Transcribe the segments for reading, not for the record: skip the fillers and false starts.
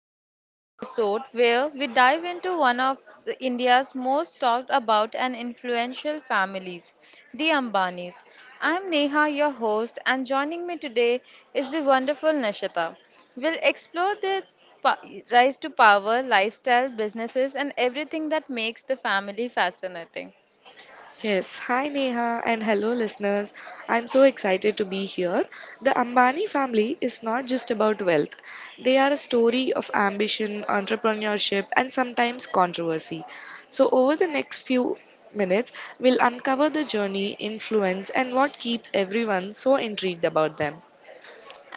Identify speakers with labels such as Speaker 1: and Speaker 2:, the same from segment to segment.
Speaker 1: to today's episode where we dive into one of India's most talked about and influential families, the Ambanis. I'm Neha, your host, and joining me today is the wonderful Nashita. We'll explore pa- rise to power, lifestyle, businesses, and everything that makes the family fascinating.
Speaker 2: Yes, hi Neha and hello listeners. I'm so excited to be here. The Ambani family is not just about wealth, they are a story of ambition, entrepreneurship, and sometimes controversy. So, over the next few minutes, we'll uncover the journey, influence, and what keeps everyone so intrigued about them.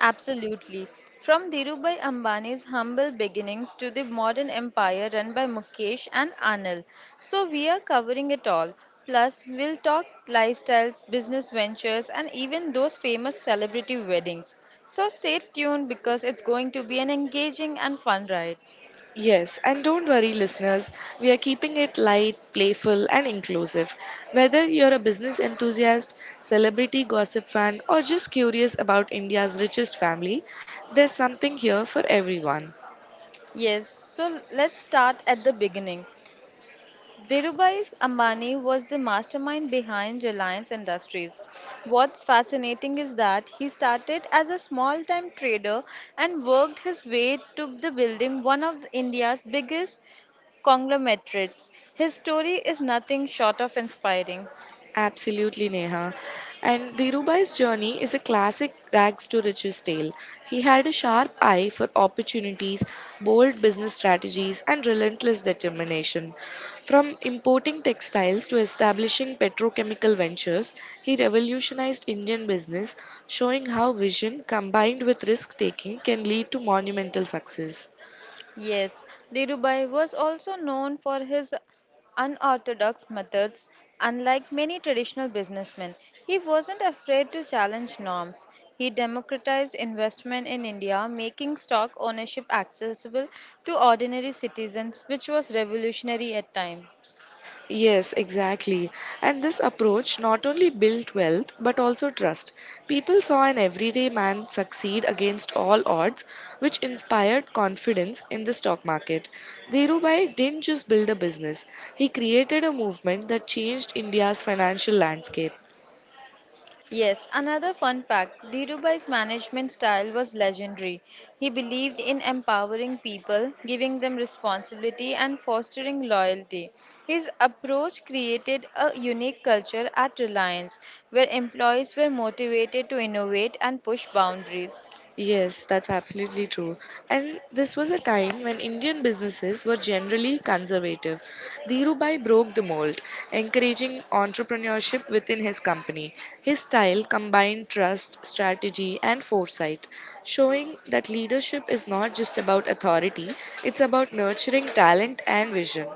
Speaker 1: Absolutely. From Dhirubhai Ambani's humble beginnings to the modern empire run by Mukesh and Anil. So, we are covering it all. Plus, we'll talk lifestyles, business ventures, and even those famous celebrity weddings. So, stay tuned because it's going to be an engaging and fun ride.
Speaker 2: Yes, and don't worry, listeners, we are keeping it light, playful, and inclusive. Whether you're a business enthusiast, celebrity gossip fan, or just curious about India's richest family, there's something here for everyone.
Speaker 1: Yes, so let's start at the beginning. Dhirubhai Ambani was the mastermind behind Reliance Industries. What's fascinating is that he started as a small time trader and worked his way to the building one of India's biggest conglomerates. His story is nothing short of inspiring.
Speaker 2: Absolutely, Neha. And Dhirubhai's journey is a classic rags to riches tale. He had a sharp eye for opportunities, bold business strategies, and relentless determination. From importing textiles to establishing petrochemical ventures, he revolutionized Indian business, showing how vision combined with risk taking can lead to monumental success.
Speaker 1: Yes, Dhirubhai was also known for his unorthodox methods. Unlike many traditional businessmen, he wasn't afraid to challenge norms. He democratized investment in India, making stock ownership accessible to ordinary citizens, which was revolutionary at times.
Speaker 2: Yes, exactly. And this approach not only built wealth but also trust. People saw an everyday man succeed against all odds, which inspired confidence in the stock market. Dhirubhai didn't just build a business, he created a movement that changed India's financial landscape.
Speaker 1: Yes, another fun fact Dhirubhai's management style was legendary. He believed in empowering people, giving them responsibility, and fostering loyalty. His approach created a unique culture at Reliance where employees were motivated to innovate and push boundaries.
Speaker 2: Yes, that's absolutely true. And this was a time when Indian businesses were generally conservative. Dhirubhai broke the mold, encouraging entrepreneurship within his company. His style combined trust, strategy, and foresight, showing that leadership is not just about authority, it's about nurturing talent and vision.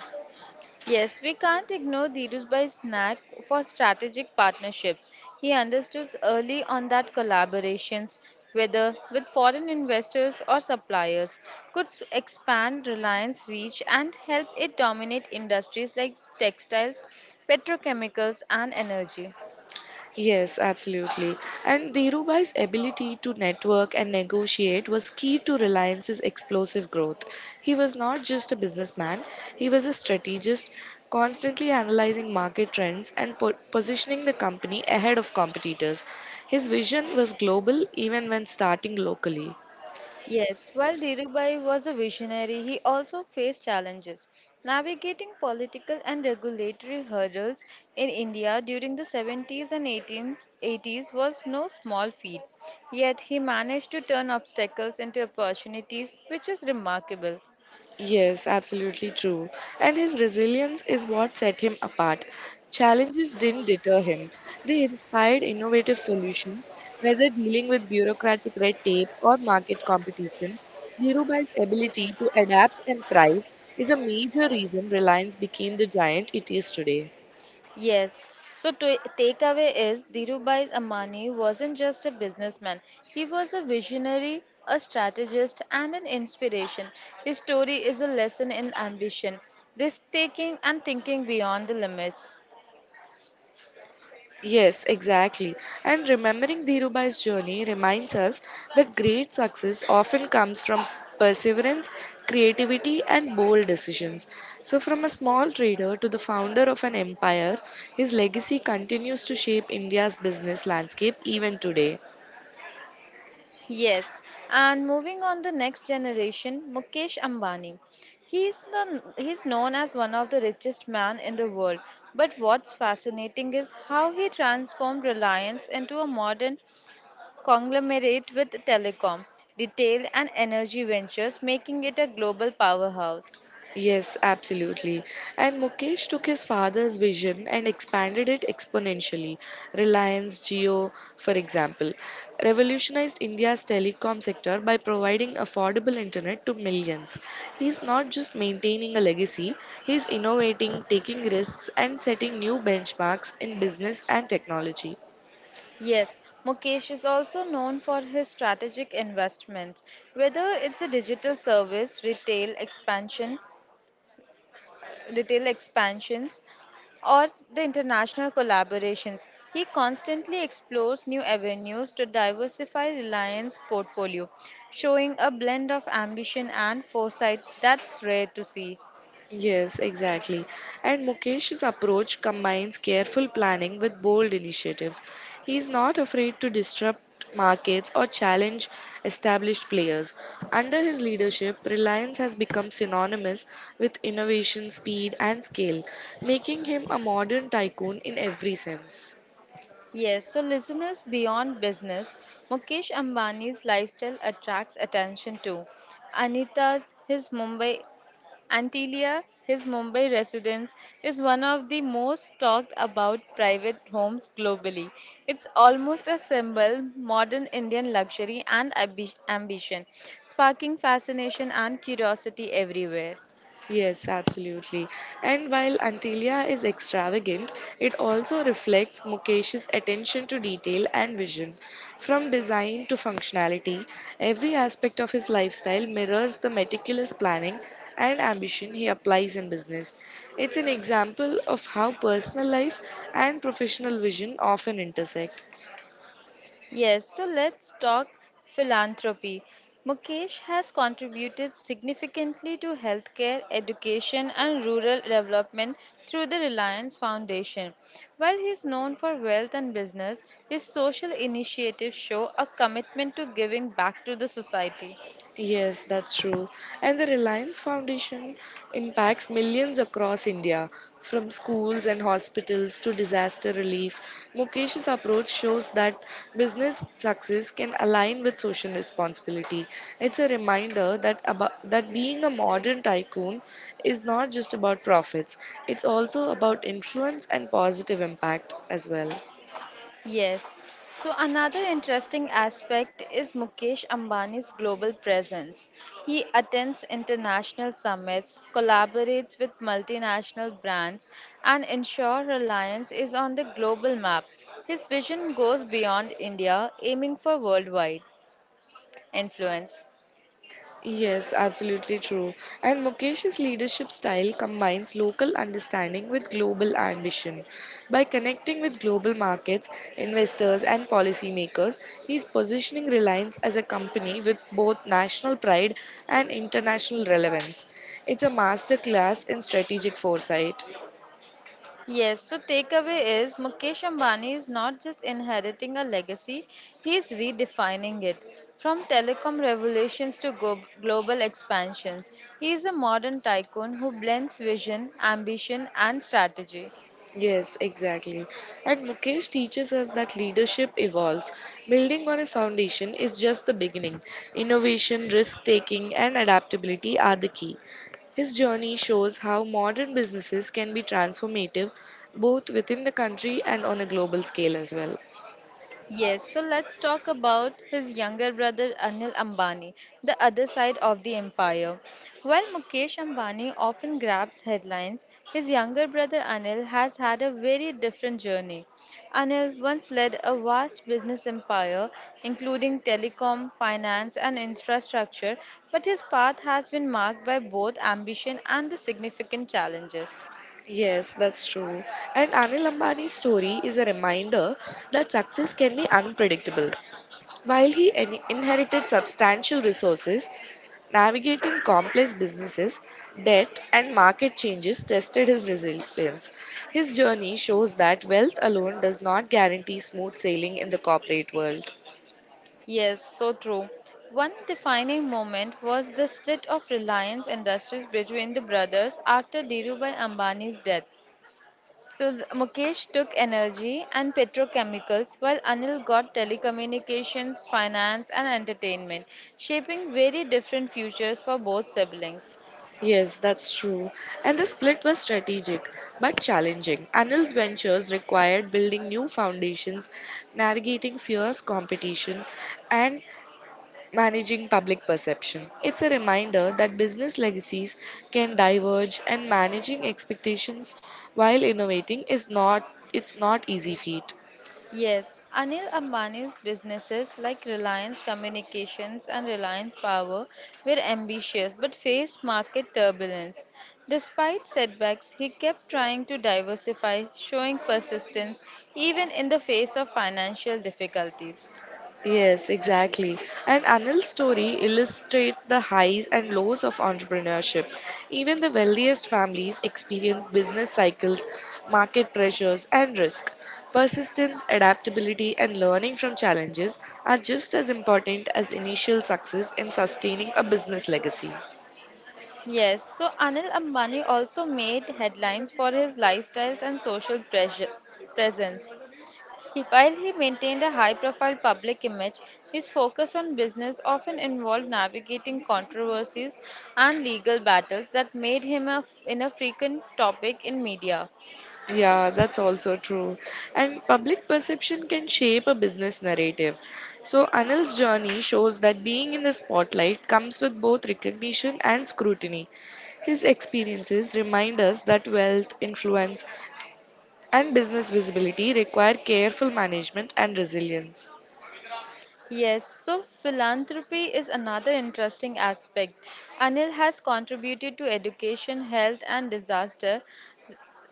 Speaker 1: Yes, we can't ignore Dhirubhai's knack for strategic partnerships. He understood early on that collaborations, whether with foreign investors or suppliers, could expand Reliance reach and help it dominate industries like textiles, petrochemicals, and energy.
Speaker 2: Yes, absolutely. And Dhirubhai's ability to network and negotiate was key to Reliance's explosive growth. He was not just a businessman, he was a strategist, constantly analyzing market trends and positioning the company ahead of competitors. His vision was global even when starting locally.
Speaker 1: Yes, while Dhirubhai was a visionary, he also faced challenges. Navigating political and regulatory hurdles in India during the 70s and 18th 80s was no small feat. Yet he managed to turn obstacles into opportunities, which is remarkable.
Speaker 2: Yes, absolutely true. And his resilience is what set him apart. Challenges didn't deter him, they inspired innovative solutions, whether dealing with bureaucratic red tape or market competition. Dhirubhai's ability to adapt and thrive is a major reason Reliance became the giant it is today.
Speaker 1: Yes. So to takeaway is Dhirubhai Ambani wasn't just a businessman. He was a visionary, a strategist, and an inspiration. His story is a lesson in ambition, risk taking, and thinking beyond the limits.
Speaker 2: Yes, exactly. And remembering Dhirubhai's journey reminds us that great success often comes from perseverance, creativity, and bold decisions. So, from a small trader to the founder of an empire, his legacy continues to shape India's business landscape even today.
Speaker 1: Yes. And moving on the next generation, Mukesh Ambani. He's known as one of the richest man in the world. But what's fascinating is how he transformed Reliance into a modern conglomerate with telecom, retail, and energy ventures, making it a global powerhouse.
Speaker 2: Yes, absolutely. And Mukesh took his father's vision and expanded it exponentially. Reliance Jio, for example, revolutionized India's telecom sector by providing affordable internet to millions. He's not just maintaining a legacy, he's innovating, taking risks, and setting new benchmarks in business and technology.
Speaker 1: Yes, Mukesh is also known for his strategic investments, whether it's a digital service, retail expansions, or the international collaborations. He constantly explores new avenues to diversify Reliance portfolio, showing a blend of ambition and foresight that's rare to see.
Speaker 2: Yes, exactly. And Mukesh's approach combines careful planning with bold initiatives. He is not afraid to disrupt markets or challenge established players. Under his leadership, Reliance has become synonymous with innovation, speed, and scale, making him a modern tycoon in every sense.
Speaker 1: Yes, so listeners beyond business, Mukesh Ambani's lifestyle attracts attention too. Anita's, his Mumbai, Antilia, his Mumbai residence, is one of the most talked about private homes globally. It's almost a symbol, modern Indian luxury and ambition, sparking fascination and curiosity everywhere.
Speaker 2: Yes, absolutely. And while Antilia is extravagant, it also reflects Mukesh's attention to detail and vision. From design to functionality, every aspect of his lifestyle mirrors the meticulous planning and ambition he applies in business. It's an example of how personal life and professional vision often intersect.
Speaker 1: Yes, so let's talk philanthropy. Mukesh has contributed significantly to healthcare, education, and rural development through the Reliance Foundation. While he is known for wealth and business, his social initiatives show a commitment to giving back to the society.
Speaker 2: Yes, that's true. And the Reliance Foundation impacts millions across India, from schools and hospitals to disaster relief. Mukesh's approach shows that business success can align with social responsibility. It's a reminder that being a modern tycoon is not just about profits. It's also about influence and positive impact as well.
Speaker 1: Yes. So another interesting aspect is Mukesh Ambani's global presence. He attends international summits, collaborates with multinational brands, and ensures Reliance is on the global map. His vision goes beyond India, aiming for worldwide influence.
Speaker 2: Yes, absolutely true. And Mukesh's leadership style combines local understanding with global ambition. By connecting with global markets, investors, and policymakers, he's positioning Reliance as a company with both national pride and international relevance. It's a masterclass in strategic foresight.
Speaker 1: Yes, so takeaway is Mukesh Ambani is not just inheriting a legacy, he's redefining it. From telecom revolutions to global expansion, he is a modern tycoon who blends vision, ambition, and strategy.
Speaker 2: Yes, exactly. And Mukesh teaches us that leadership evolves. Building on a foundation is just the beginning. Innovation, risk taking, and adaptability are the key. His journey shows how modern businesses can be transformative both within the country and on a global scale as well.
Speaker 1: Yes, so let's talk about his younger brother Anil Ambani, the other side of the empire. While Mukesh Ambani often grabs headlines, his younger brother Anil has had a very different journey. Anil once led a vast business empire, including telecom, finance, and infrastructure, but his path has been marked by both ambition and the significant challenges.
Speaker 2: Yes, that's true. And Anil Ambani's story is a reminder that success can be unpredictable. While he inherited substantial resources, navigating complex businesses, debt, and market changes tested his resilience. His journey shows that wealth alone does not guarantee smooth sailing in the corporate world.
Speaker 1: Yes, so true. One defining moment was the split of Reliance Industries between the brothers after Dhirubhai Ambani's death. So Mukesh took energy and petrochemicals while Anil got telecommunications, finance and entertainment, shaping very different futures for both siblings.
Speaker 2: Yes, that's true. And the split was strategic but challenging. Anil's ventures required building new foundations, navigating fierce competition, and managing public perception. It's a reminder that business legacies can diverge and managing expectations while innovating is not it's not easy feat.
Speaker 1: Yes, Anil Ambani's businesses like Reliance Communications and Reliance Power were ambitious but faced market turbulence. Despite setbacks, he kept trying to diversify, showing persistence even in the face of financial difficulties.
Speaker 2: Yes, exactly. And Anil's story illustrates the highs and lows of entrepreneurship. Even the wealthiest families experience business cycles, market pressures, and risk. Persistence, adaptability, and learning from challenges are just as important as initial success in sustaining a business legacy.
Speaker 1: Yes, so Anil Ambani also made headlines for his lifestyles and presence. While he maintained a high profile public image, his focus on business often involved navigating controversies and legal battles that made him a frequent topic in media.
Speaker 2: Yeah, that's also true. And public perception can shape a business narrative. So, Anil's journey shows that being in the spotlight comes with both recognition and scrutiny. His experiences remind us that wealth, influence, and business visibility require careful management and resilience.
Speaker 1: Yes, so philanthropy is another interesting aspect. Anil has contributed to education, health, and disaster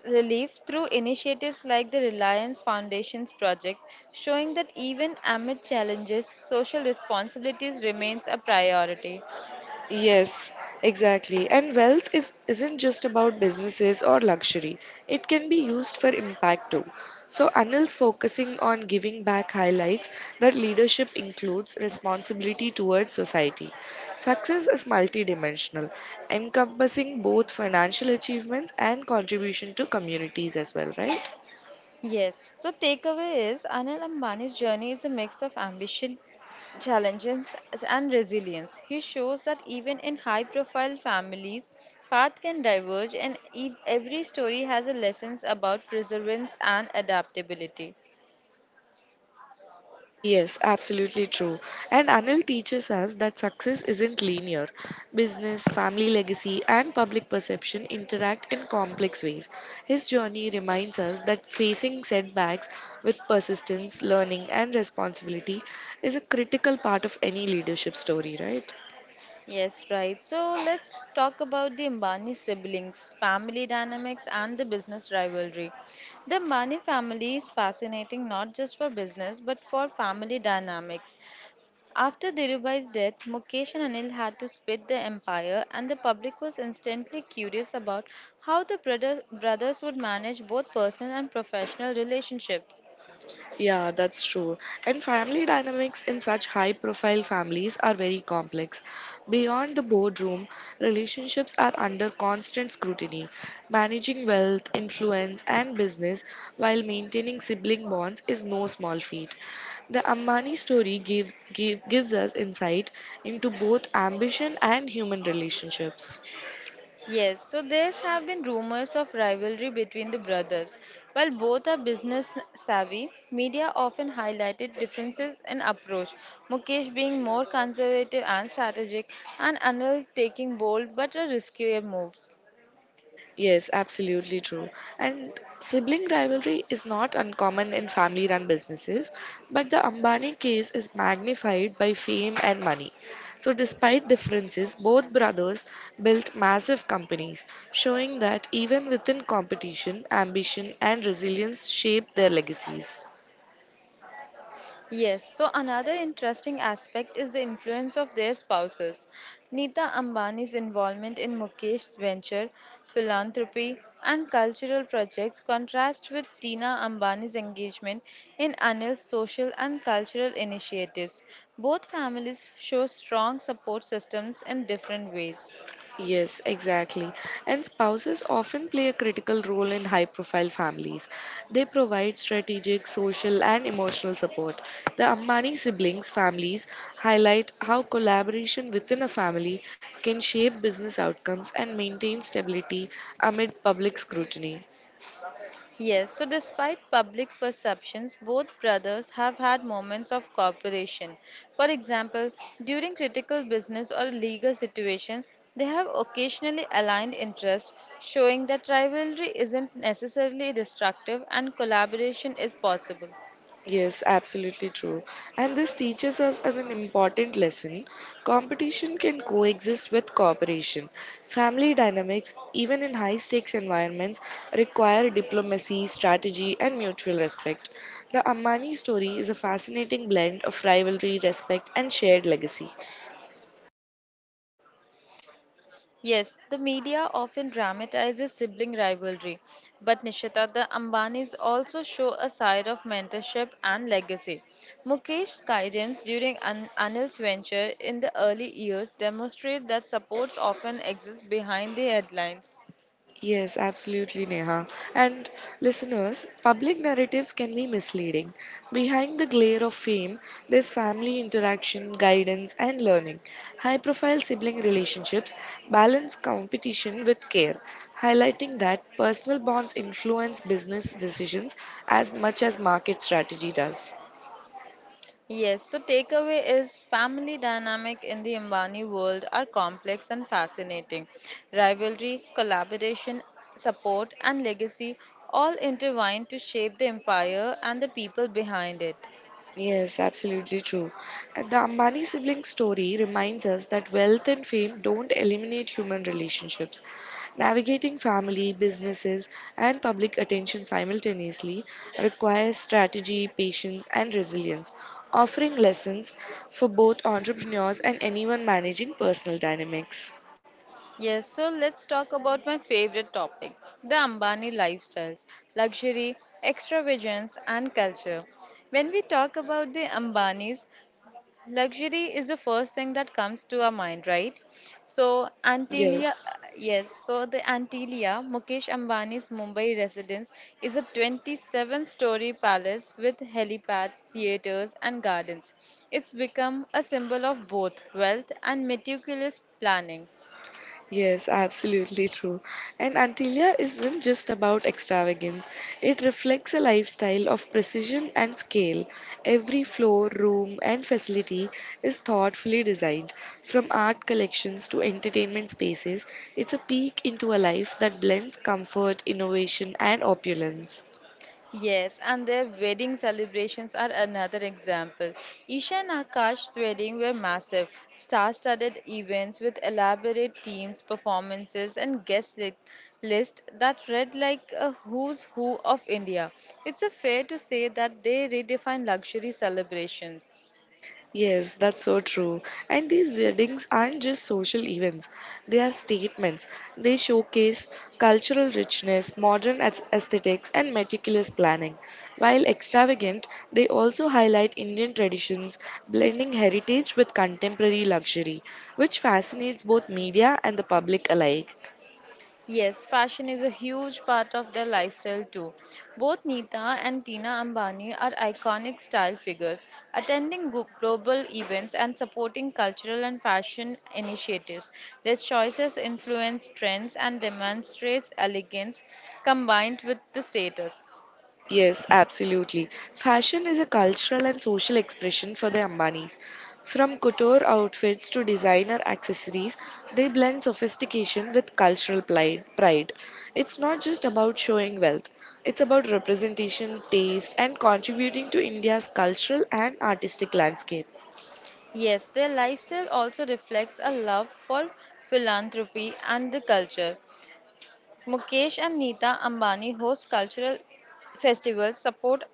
Speaker 1: relief through initiatives like the Reliance Foundation's project, showing that even amid challenges, social responsibilities remains a priority.
Speaker 2: Yes, exactly. And wealth is isn't just about businesses or luxury. It can be used for impact too. So Anil's focusing on giving back highlights that leadership includes responsibility towards society. Success is multidimensional, encompassing both financial achievements and contribution to communities as well, right?
Speaker 1: Yes. So takeaway is Anil Ambani's journey is a mix of ambition, challenges, and resilience. He shows that even in high-profile families, paths can diverge, and every story has a lessons about perseverance and adaptability.
Speaker 2: Yes, absolutely true. And Anil teaches us that success isn't linear. Business, family legacy, and public perception interact in complex ways. His journey reminds us that facing setbacks with persistence, learning, and responsibility is a critical part of any leadership story, right?
Speaker 1: Yes, right. So let's talk about the Ambani siblings, family dynamics, and the business rivalry. The Ambani family is fascinating not just for business but for family dynamics. After Dhirubhai's death, Mukesh and Anil had to split the empire, and the public was instantly curious about how brothers would manage both personal and professional relationships.
Speaker 2: Yeah, that's true. And family dynamics in such high profile families are very complex. Beyond the boardroom, relationships are under constant scrutiny. Managing wealth, influence, and business while maintaining sibling bonds is no small feat. The Ambani story gives us insight into both ambition and human relationships.
Speaker 1: Yes, so there have been rumors of rivalry between the brothers. While both are business savvy, media often highlighted differences in approach, Mukesh being more conservative and strategic, and Anil taking bold but riskier moves.
Speaker 2: Yes, absolutely true. And sibling rivalry is not uncommon in family run businesses, but the Ambani case is magnified by fame and money. So, despite differences, both brothers built massive companies, showing that even within competition, ambition and resilience shape their legacies.
Speaker 1: Yes, so another interesting aspect is the influence of their spouses. Nita Ambani's involvement in Mukesh's venture, philanthropy, and cultural projects contrast with Tina Ambani's engagement in Anil's social and cultural initiatives. Both families show strong support systems in different ways.
Speaker 2: Yes, exactly. And spouses often play a critical role in high profile families. They provide strategic, social, and emotional support. The Ambani siblings' families highlight how collaboration within a family can shape business outcomes and maintain stability amid public scrutiny.
Speaker 1: Yes, so despite public perceptions, both brothers have had moments of cooperation. For example, during critical business or legal situations, they have occasionally aligned interests, showing that rivalry isn't necessarily destructive and collaboration is possible.
Speaker 2: Yes, absolutely true. And this teaches us as an important lesson competition can coexist with cooperation. Family dynamics, even in high stakes environments, require diplomacy, strategy, and mutual respect. The Ammani story is a fascinating blend of rivalry, respect, and shared legacy.
Speaker 1: Yes, the media often dramatizes sibling rivalry, but Nishita, the Ambanis also show a side of mentorship and legacy. Mukesh's guidance during Anil's venture in the early years demonstrate that supports often exist behind the headlines.
Speaker 2: Yes, absolutely, Neha. And listeners, public narratives can be misleading. Behind the glare of fame, there's family interaction, guidance, and learning. High profile sibling relationships balance competition with care, highlighting that personal bonds influence business decisions as much as market strategy does.
Speaker 1: Yes, so takeaway is family dynamic in the Ambani world are complex and fascinating. Rivalry, collaboration, support and legacy all intertwine to shape the empire and the people behind it.
Speaker 2: Yes, absolutely true. And the Ambani sibling story reminds us that wealth and fame don't eliminate human relationships. Navigating family, businesses, and public attention simultaneously requires strategy, patience, and resilience, offering lessons for both entrepreneurs and anyone managing personal dynamics.
Speaker 1: Yes, so let's talk about my favorite topic, the Ambani lifestyles, luxury, extravagance and culture. When we talk about the Ambanis, luxury is the first thing that comes to our mind, right? So, Antilia,
Speaker 2: Yes.
Speaker 1: yes, so the Antilia, Mukesh Ambani's Mumbai residence, is a 27-story palace with helipads, theatres, and gardens. It's become a symbol of both wealth and meticulous planning.
Speaker 2: Yes, absolutely true. And Antilia isn't just about extravagance, it reflects a lifestyle of precision and scale. Every floor, room, and facility is thoughtfully designed. From art collections to entertainment spaces, it's a peek into a life that blends comfort, innovation, and opulence.
Speaker 1: Yes, and their wedding celebrations are another example. Isha and Akash's wedding were massive, star-studded events with elaborate themes, performances, and list that read like a who's who of India. It's a fair to say that they redefine luxury celebrations.
Speaker 2: Yes, that's so true. And these weddings aren't just social events, they are statements. They showcase cultural richness, modern aesthetics, and meticulous planning. While extravagant, they also highlight Indian traditions, blending heritage with contemporary luxury, which fascinates both media and the public alike.
Speaker 1: Yes, fashion is a huge part of their lifestyle too. Both Nita and Tina Ambani are iconic style figures, attending global events and supporting cultural and fashion initiatives. Their choices influence trends and demonstrates elegance combined with the status.
Speaker 2: Yes, absolutely. Fashion is a cultural and social expression for the Ambanis. From couture outfits to designer accessories, they blend sophistication with cultural pride. It's not just about showing wealth, it's about representation, taste, and contributing to India's cultural and artistic landscape.
Speaker 1: Yes, their lifestyle also reflects a love for philanthropy and the culture. Mukesh and Nita Ambani host cultural festivals, support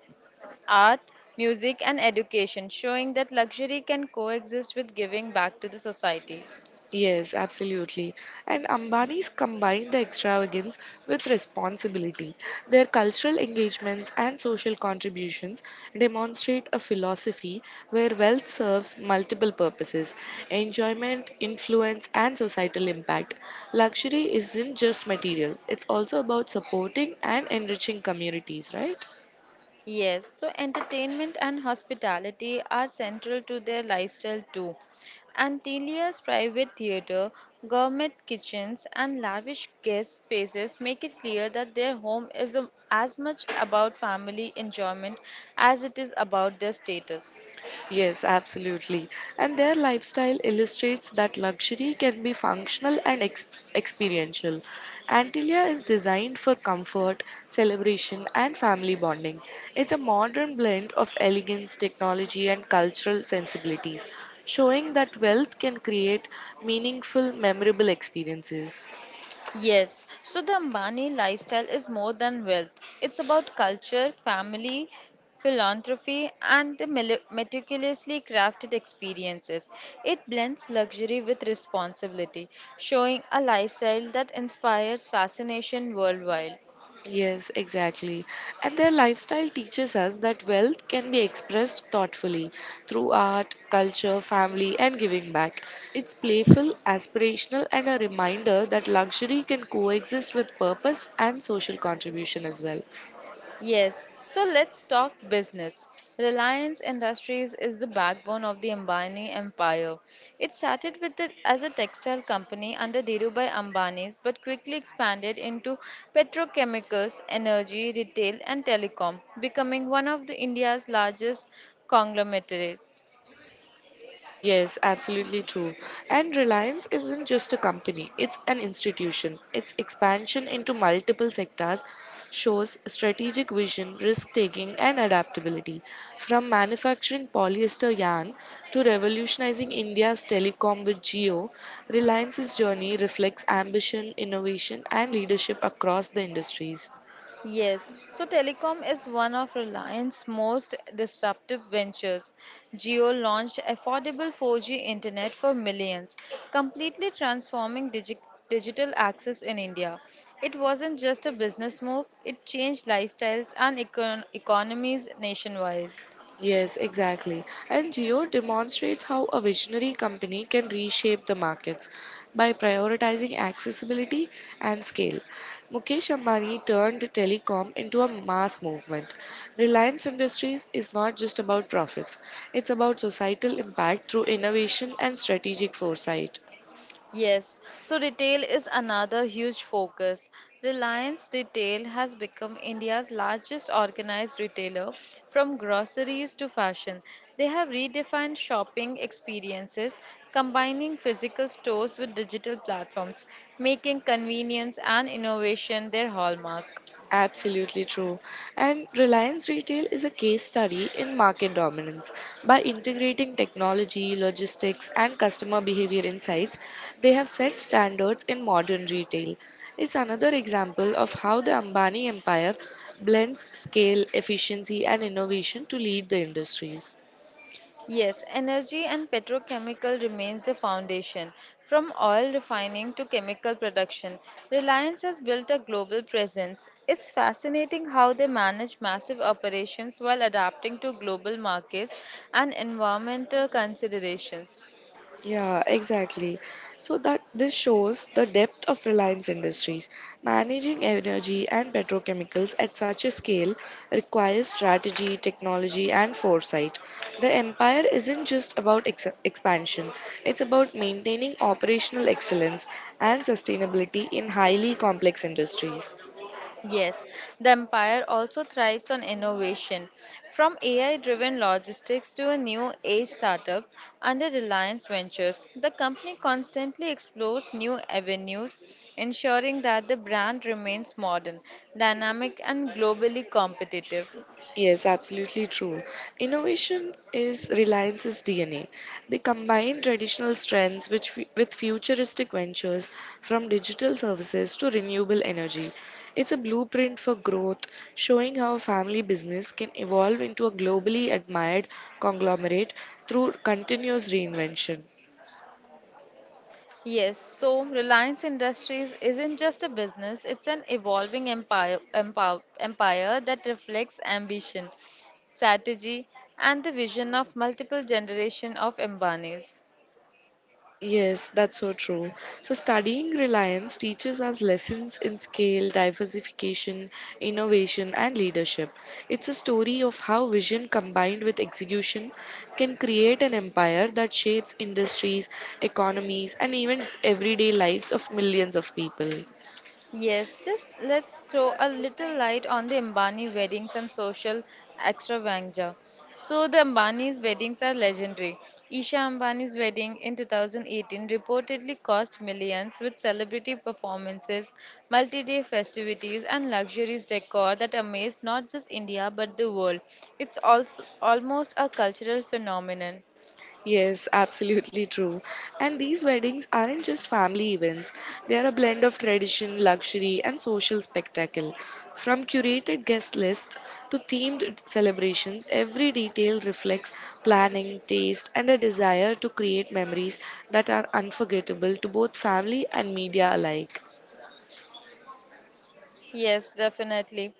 Speaker 1: art, music, and education, showing that luxury can coexist with giving back to the society.
Speaker 2: Yes, absolutely. And Ambani's combine the extravagance with responsibility. Their cultural engagements and social contributions demonstrate a philosophy where wealth serves multiple purposes enjoyment, influence, and societal impact. Luxury isn't just material, it's also about supporting and enriching communities, right?
Speaker 1: Yes, so entertainment and hospitality are central to their lifestyle too. Antelia's private theatre, gourmet kitchens, and lavish guest spaces make it clear that their home is as much about family enjoyment as it is about their status.
Speaker 2: Yes, absolutely. And their lifestyle illustrates that luxury can be functional and experiential. Antilia is designed for comfort, celebration, and family bonding. It's a modern blend of elegance, technology, and cultural sensibilities, showing that wealth can create meaningful, memorable experiences.
Speaker 1: Yes, so the Ambani lifestyle is more than wealth. It's about culture, family, philanthropy, and the meticulously crafted experiences. It blends luxury with responsibility, showing a lifestyle that inspires fascination worldwide.
Speaker 2: Yes, exactly. And their lifestyle teaches us that wealth can be expressed thoughtfully through art, culture, family, and giving back. It's playful, aspirational, and a reminder that luxury can coexist with purpose and social contribution as well.
Speaker 1: Yes, so let's talk business. Reliance Industries is the backbone of the Ambani empire. It started with as a textile company under Dhirubhai Ambani's but quickly expanded into petrochemicals, energy, retail and telecom, becoming one of the India's largest conglomerates.
Speaker 2: Yes, absolutely true. And Reliance isn't just a company, it's an institution. Its expansion into multiple sectors shows strategic vision, risk taking, and adaptability. From manufacturing polyester yarn to revolutionizing India's telecom with Geo, Reliance's journey reflects ambition, innovation, and leadership across the industries.
Speaker 1: Yes, so telecom is one of Reliance's most disruptive ventures. Geo launched affordable 4G internet for millions, completely transforming digital access in India. It wasn't just a business move, it changed lifestyles and economies nationwide.
Speaker 2: Yes, exactly. And Geo demonstrates how a visionary company can reshape the markets by prioritizing accessibility and scale. Mukesh Ambani turned telecom into a mass movement. Reliance Industries is not just about profits, it's about societal impact through innovation and strategic foresight.
Speaker 1: Yes, so retail is another huge focus. Reliance Retail has become India's largest organized retailer from groceries to fashion. They have redefined shopping experiences, combining physical stores with digital platforms, making convenience and innovation their hallmark.
Speaker 2: Absolutely true. And Reliance Retail is a case study in market dominance. By integrating technology, logistics, and customer behavior insights, they have set standards in modern retail. It's another example of how the Ambani empire blends scale, efficiency, and innovation to lead the industries.
Speaker 1: Yes, energy and petrochemical remains the foundation. From oil refining to chemical production, Reliance has built a global presence. It's fascinating how they manage massive operations while adapting to global markets and environmental considerations.
Speaker 2: Yeah, exactly. So that this shows the depth of Reliance Industries. Managing energy and petrochemicals at such a scale requires strategy, technology, and foresight. The empire isn't just about expansion, it's about maintaining operational excellence and sustainability in highly complex industries.
Speaker 1: Yes, the empire also thrives on innovation. From AI driven logistics to a new age startups under Reliance Ventures, the company constantly explores new avenues, ensuring that the brand remains modern, dynamic, and globally competitive.
Speaker 2: Yes, absolutely true. Innovation is Reliance's DNA. They combine traditional strengths with futuristic ventures from digital services to renewable energy. It's a blueprint for growth, showing how a family business can evolve into a globally admired conglomerate through continuous reinvention.
Speaker 1: Yes, so Reliance Industries isn't just a business, it's an evolving empire that reflects ambition, strategy, and the vision of multiple generation of Ambanis.
Speaker 2: Yes, that's so true. So, studying reliance teaches us lessons in scale, diversification, innovation, and leadership. It's a story of how vision combined with execution can create an empire that shapes industries, economies, and even everyday lives of millions of people.
Speaker 1: Yes, just let's throw a little light on the Ambani weddings and social extravaganza. So, the Ambani's weddings are legendary. Isha Ambani's wedding in 2018 reportedly cost millions with celebrity performances, multi day festivities, and luxurious decor that amazed not just India but the world. It's also almost a cultural phenomenon.
Speaker 2: Yes, absolutely true. And these weddings aren't just family events, they are a blend of tradition, luxury, and social spectacle. From curated guest lists to themed celebrations, every detail reflects planning, taste, and a desire to create memories that are unforgettable to both family and media alike.
Speaker 1: Yes, definitely.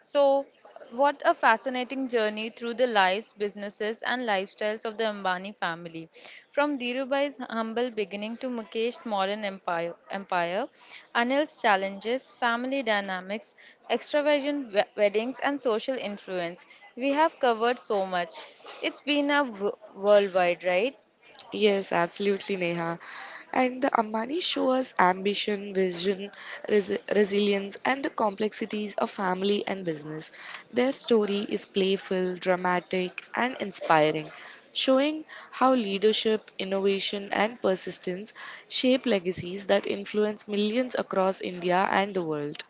Speaker 1: So, what a fascinating journey through the lives, businesses, and lifestyles of the Ambani family. From Dhirubhai's humble beginning to Mukesh's modern Anil's challenges, family dynamics, extravagant weddings, and social influence. We have covered so much. It's been a worldwide, right?
Speaker 2: Yes, absolutely, Neha. And the Ambani show us ambition, vision, resilience, and the complexities of family and business. Their story is playful, dramatic, and inspiring, showing how leadership, innovation, and persistence shape legacies that influence millions across India and the world.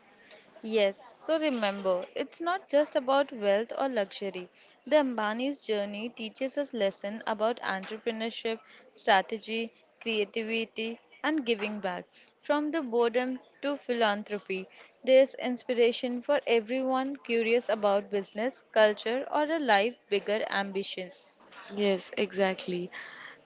Speaker 1: Yes, so remember, it's not just about wealth or luxury. The Ambani's journey teaches us lessons about entrepreneurship, strategy, creativity, and giving back. From the boredom to philanthropy, there's inspiration for everyone curious about business, culture, or a life bigger ambitions.
Speaker 2: Yes, exactly.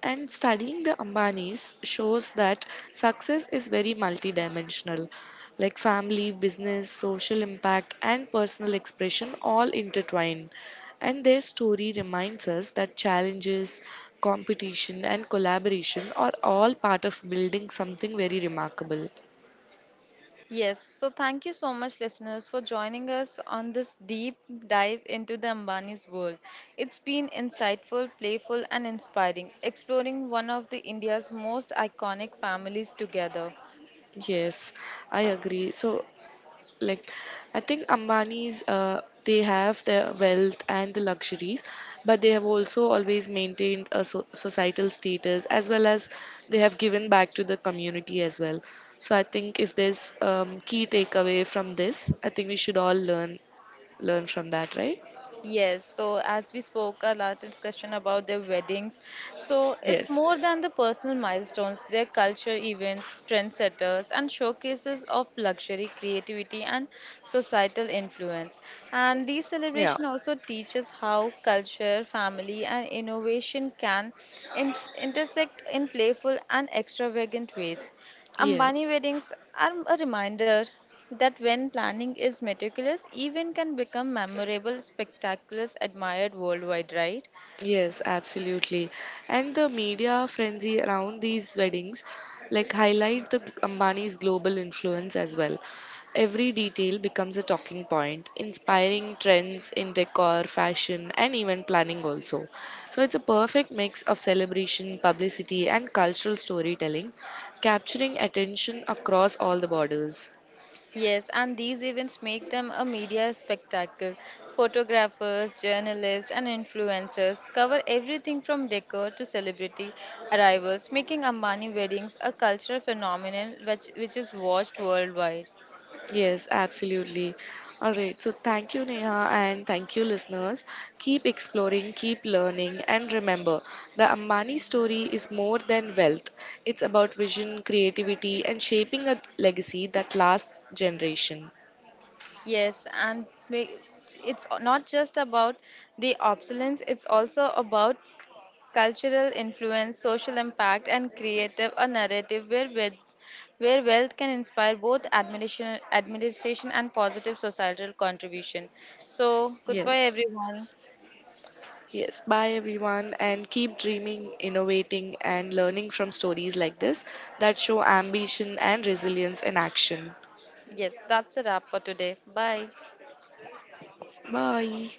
Speaker 2: And studying the Ambanis shows that success is very multidimensional, like family, business, social impact, and personal expression all intertwined. And their story reminds us that challenges, competition, and collaboration are all part of building something very remarkable.
Speaker 1: Yes, so thank you so much, listeners, for joining us on this deep dive into the Ambani's world. It's been insightful, playful, and inspiring, exploring one of the India's most iconic families together.
Speaker 2: Yes, I agree. So, like I think Ambani's, they have their wealth and the luxuries, but they have also always maintained a societal status, as well as they have given back to the community as well. So I think if there's key takeaway from this, I think we should all learn from that, right?
Speaker 1: Yes, so as we spoke our last discussion about their weddings, so it's
Speaker 2: Yes.
Speaker 1: more than the personal milestones, their culture events, trendsetters, and showcases of luxury, creativity, and societal influence. And these
Speaker 2: Yeah.
Speaker 1: celebration also teaches how culture, family, and innovation can intersect in playful and extravagant ways. Ambani
Speaker 2: Yes.
Speaker 1: weddings are a reminder that when planning is meticulous, event can become memorable, spectaculars admired worldwide, right?
Speaker 2: Yes, absolutely. And the media frenzy around these weddings like highlight the Ambani's global influence as well. Every detail becomes a talking point, inspiring trends in decor, fashion, and even planning also. So it's a perfect mix of celebration, publicity, and cultural storytelling, capturing attention across all the borders.
Speaker 1: Yes, and these events make them a media spectacle. Photographers, journalists, and influencers cover everything from decor to celebrity arrivals, making Ambani weddings a cultural phenomenon which is watched worldwide.
Speaker 2: Yes, absolutely. All right. So thank you, Neha, and thank you, listeners. Keep exploring, keep learning, and remember the Ambani story is more than wealth. It's about vision, creativity, and shaping a legacy that lasts generation.
Speaker 1: Yes, and it's not just about the obsolescence, it's also about cultural influence, social impact, and creative a narrative where wealth can inspire both administration and positive societal contribution. So, goodbye,
Speaker 2: Yes.
Speaker 1: everyone.
Speaker 2: Yes. Bye, everyone, and keep dreaming, innovating, and learning from stories like this that show ambition and resilience in action.
Speaker 1: Yes, that's a wrap for today. Bye.
Speaker 2: Bye.